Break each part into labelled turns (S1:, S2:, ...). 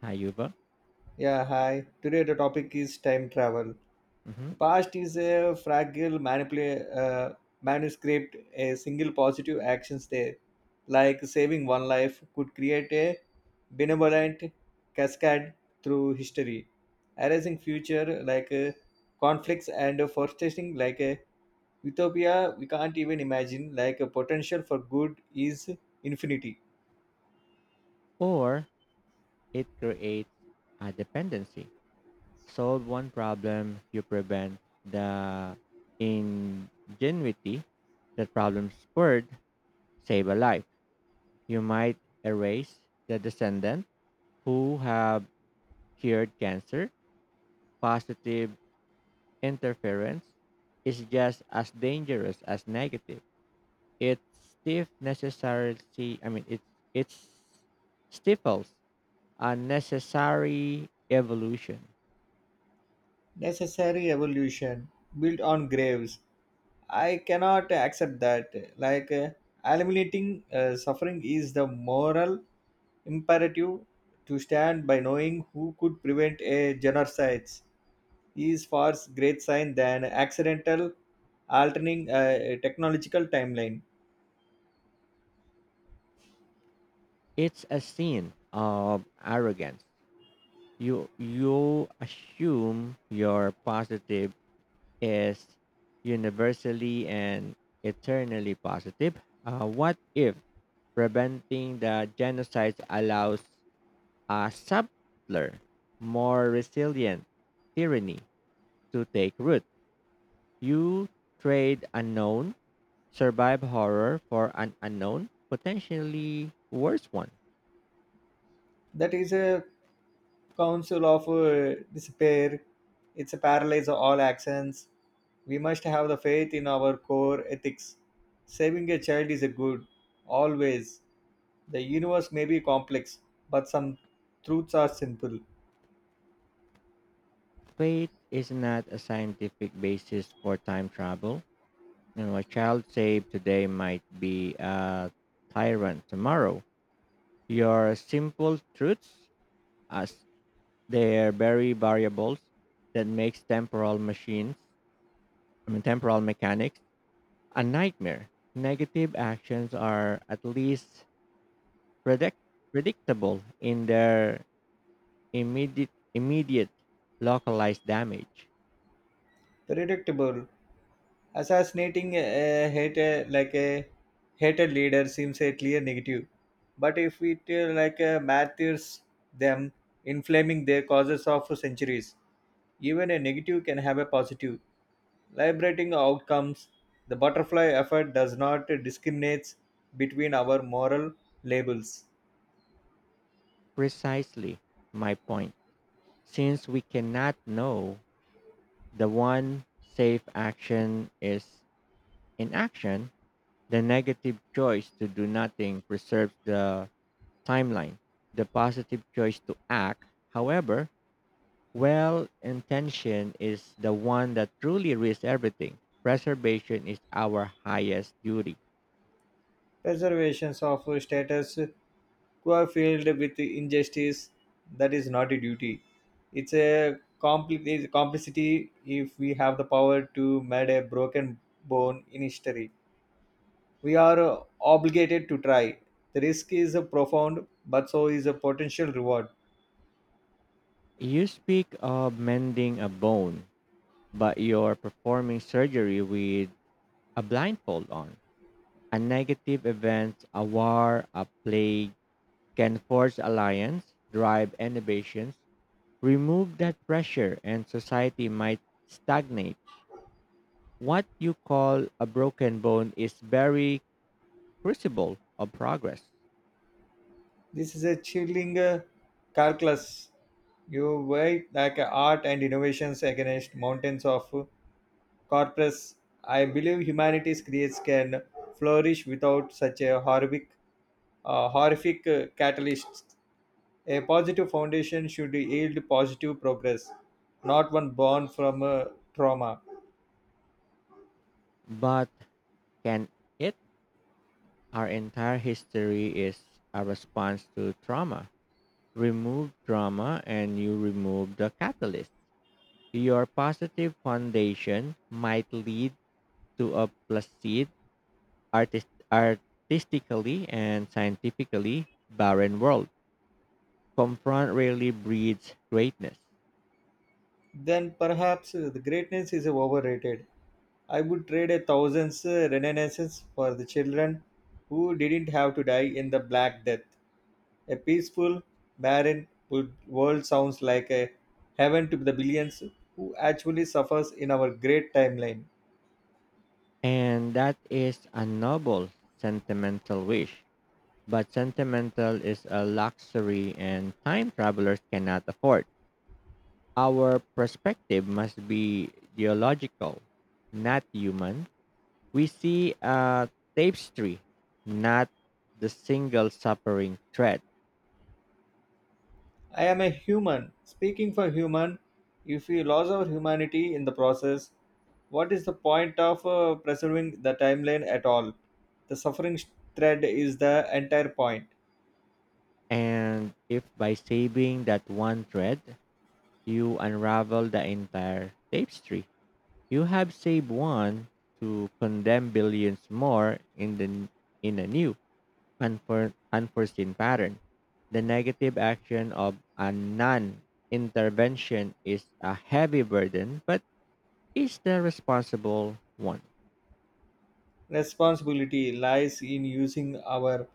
S1: Hayuba,
S2: Yeah, hi. Today the topic is time travel.
S1: hmm,
S2: The past is a fragile manuscript. A single positive actions there, like saving one life, could create a benevolent cascade through history, erasing future conflicts and forecasting like a utopia we can't even imagine. Like a potential for good is infinity.
S1: or it creates a dependency. Solve one problem, you prevent the ingenuity that problem spurred, save a life. You might erase the descendant who have cured cancer. Positive interference is just as dangerous as negative. It stiff necessarily I mean it it stifles a necessary evolution.
S2: Necessary evolution built on graves. I cannot accept that. Like, uh, Eliminating suffering is the moral imperative to stand by knowing who could prevent a genocide is far great sign than accidental altering a technological timeline.
S1: It's a sin of arrogance. You assume your positive is universally and eternally positive. What if preventing the genocide allows a subtler, more resilient tyranny to take root? You trade unknown, survive horror for an unknown, potentially worse one.
S2: That is a council of despair. It's a paralyze of all actions. We must have the faith in our core ethics. Saving a child is a good, always. The universe may be complex, but some truths are simple,
S1: Fate is not a scientific basis for time travel, and what child saved today might be a tyrant tomorrow. Your simple truths as their very variables that makes temporal machines, I mean temporal mechanics, a nightmare. Negative actions are at least predict- predictable in their immediate localized damage.
S2: predictable. Assassinating a hater like a hated leader seems a clear negative, but if it martyrs them, inflaming their causes of centuries, even a negative can have a positive. Liberating outcomes, the butterfly effect does not discriminate between our moral labels.
S1: Precisely my point. Since we cannot know, the one safe action is inaction. The negative choice to do nothing preserves the timeline. The positive choice to act, however well intention, is the one that truly risks everything. Preservation is our highest duty.
S2: Preservations of status quo filled with injustice, that is not a duty. It's a it's complicity if we have the power to mend a broken bone in history. We are obligated to try. The risk is profound, but so is a potential reward.
S1: You speak of mending a bone, but you're performing surgery with a blindfold on. A negative event, a war, a plague, can force alliance, drive innovations. Remove that pressure, and society might stagnate. What you call a broken bone is very crucible of progress.
S2: This is a chilling calculus. You weigh like art and innovations against mountains of corpus. I believe humanity's creates can flourish without such a horrific catalyst. A positive foundation should yield positive progress, not one born from trauma.
S1: But can it? Our entire history is a response to trauma. Remove trauma, and you remove the catalyst. Your positive foundation might lead to a placid artistically and scientifically barren world. Confront really breeds greatness.
S2: Then perhaps the greatness is overrated. I would trade a thousands renaissance for the children who didn't have to die in the Black Death. A peaceful, barren world sounds like a heaven to the billions who actually suffers in our great timeline.
S1: And that is a noble sentimental wish. But sentimental is a luxury and time travelers cannot afford. Our perspective must be geological, not human. We see a tapestry, not the single suffering thread.
S2: I am a human. Speaking for human, if we lose our humanity in the process, what is the point of preserving the timeline at all? The suffering thread is the entire point.
S1: And if by saving that one thread, you unravel the entire tapestry. You have saved one to condemn billions more in the in a new unforeseen pattern. The negative action of a non-intervention is a heavy burden, but is the responsible one.
S2: Responsibility lies in using our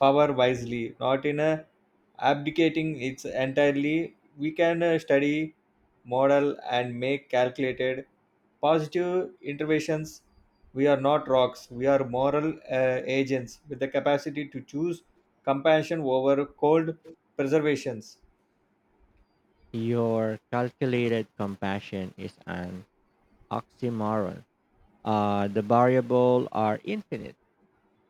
S2: power wisely, not in abdicating its entirely. We can study, model, and make calculated positive interventions. We are not rocks, we are moral agents with the capacity to choose compassion over cold preservations.
S1: Your calculated compassion is an oxymoron. The variable are infinite.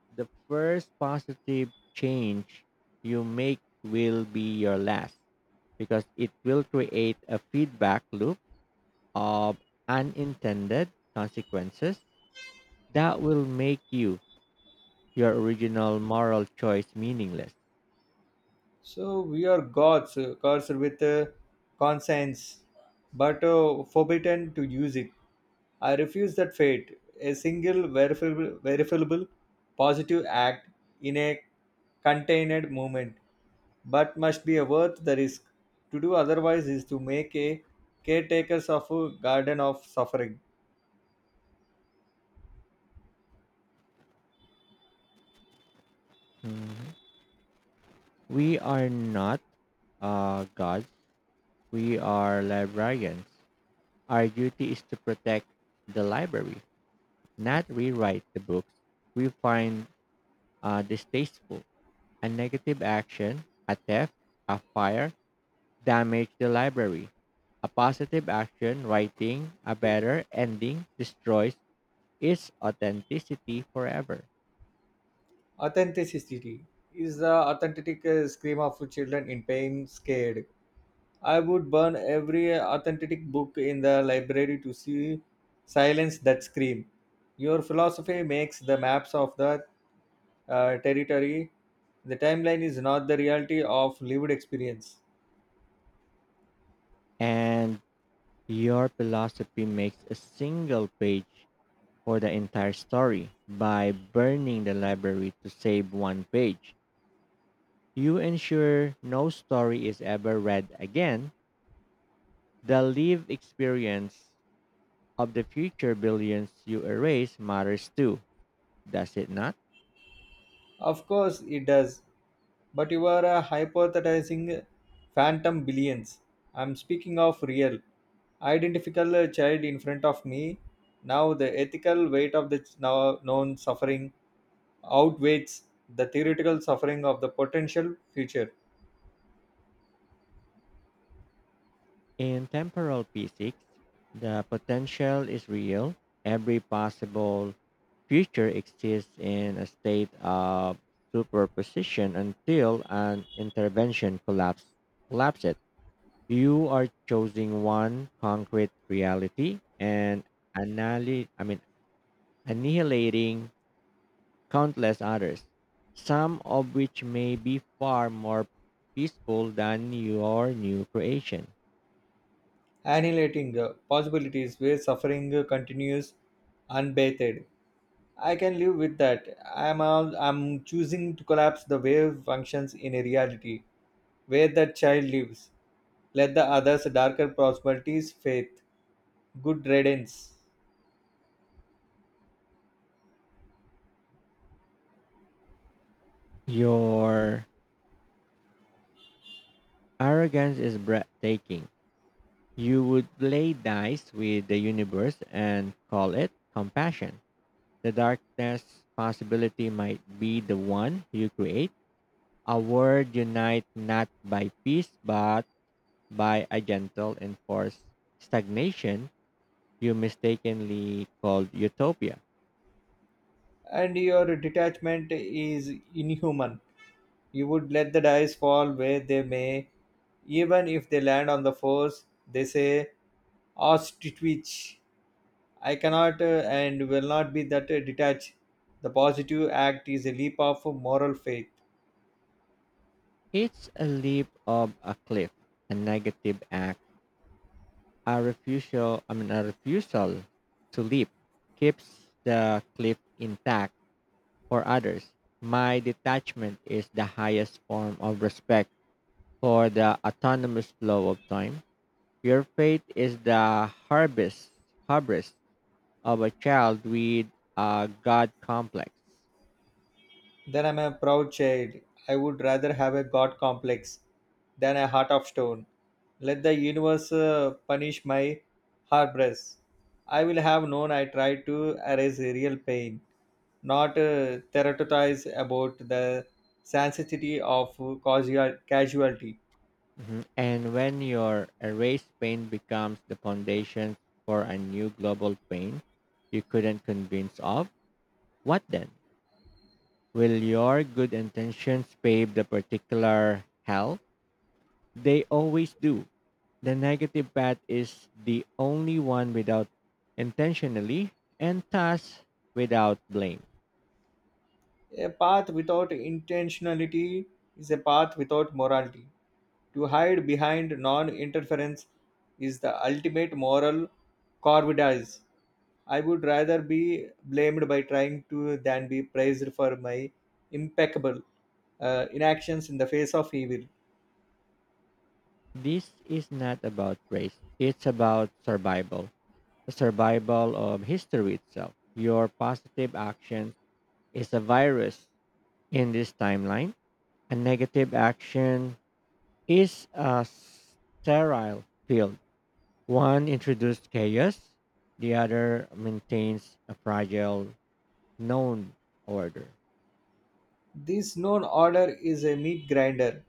S1: The first positive change you make will be your last, because it will create a feedback loop of unintended consequences that will make you your original moral choice meaningless.
S2: So we are gods, gods with conscience, but forbidden to use it. I refuse that fate, a single verifiable positive act in a contained movement, but must be worth the risk. To do otherwise is to make a caretakers of a garden of suffering.
S1: Hmm. We are not gods. We are librarians. Our duty is to protect the library, not rewrite the books we find distasteful. A negative action, a theft, a fire, damage the library. A positive action, writing a better ending, destroys its authenticity forever.
S2: Authenticity is the authentic scream of children in pain, scared. I would burn every authentic book in the library to see silence that scream. Your philosophy makes the maps of the territory, the timeline is not the reality of lived experience.
S1: And your philosophy makes a single page for the entire story. By burning the library to save one page, you ensure no story is ever read again. The lived experience of the future billions you erase matters too, does it not?
S2: Of course, it does, but you are hypothesizing phantom billions. I'm speaking of real, identical child in front of me. Now, the ethical weight of the now known suffering outweighs the theoretical suffering of the potential future,
S1: In temporal physics, the potential is real. Every possible future exists in a state of superposition until an intervention collapses it. You are choosing one concrete reality and annihilate, I mean, annihilating countless others, some of which may be far more peaceful than your new creation.
S2: annihilating possibilities where suffering continues unbathed. I can live with that. I'm choosing to collapse the wave functions in a reality where that child lives. Let the others darker possibilities faith, good riddance.
S1: Your arrogance is breathtaking. You would play dice with the universe and call it compassion. The darkness possibility might be the one you create. A word unite not by peace but by a gentle and forced stagnation you mistakenly called utopia.
S2: And your detachment is inhuman. You would let the dice fall where they may, even if they land on the force, they say ostrich. I cannot and will not be that detached. The positive act is a leap of moral faith.
S1: It's a leap of a cliff, a negative act, a refusal to leap keeps the cliff intact for others. My detachment is the highest form of respect for the autonomous flow of time. Your faith is the harvest of a child with a God complex.
S2: Then I'm a proud child. I would rather have a god complex than a heart of stone. Let the universe punish my hubris. I will have known I tried to erase real pain, not theorize about the sensitivity of casualty.
S1: Mhm. And when your erased pain becomes the foundation for a new global pain you couldn't convince of, what then? Will your good intentions pave the particular hell? They always do. The negative path is the only one without intentionally and thus without blame.
S2: A path without intentionality is a path without morality. To hide behind non interference is the ultimate moral corvidage. I would rather be blamed by trying to than be praised for my impeccable inactions in the face of evil.
S1: This is not about race. It's about survival, the survival of history itself. Your positive action is a virus in this timeline. A negative action is a sterile field. One introduced chaos, the other maintains a fragile known order.
S2: This known order is a meat grinder.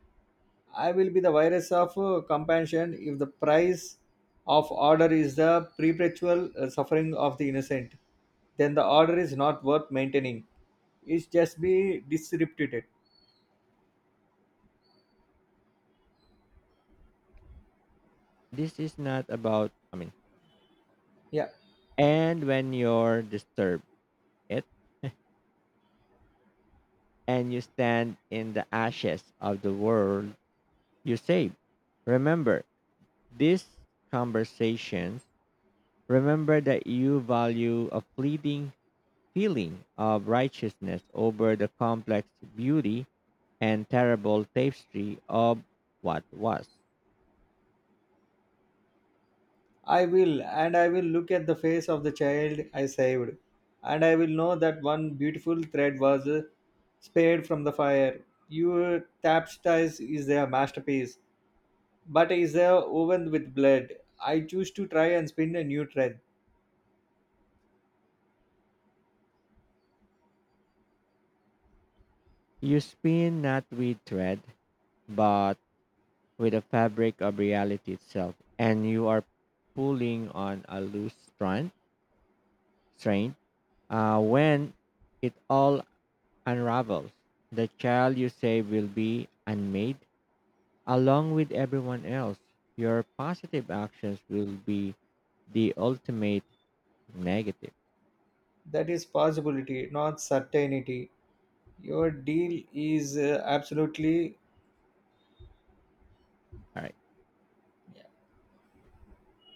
S2: I will be the virus of compassion if the price of order is the perpetual suffering of the innocent. Then the order is not worth maintaining. It's just be disrupted.
S1: This is not about, I mean,
S2: Yeah.
S1: And when you're disturbed it and you stand in the ashes of the world you save. Remember these conversations. Remember that you value a fleeting feeling of righteousness over the complex beauty and terrible tapestry of what was.
S2: I will, and I will look at the face of the child I saved, and I will know that one beautiful thread was spared from the fire. Your tapstice is a masterpiece, but is a woven with blood. I choose to try and spin a new thread.
S1: You spin not with thread, but with the fabric of reality itself, and you are pulling on a loose strain. When it all unravels, the child you save will be unmade along with everyone else. Your positive actions will be the ultimate negative.
S2: That is possibility, not certainty. Your deal is absolutely
S1: All right.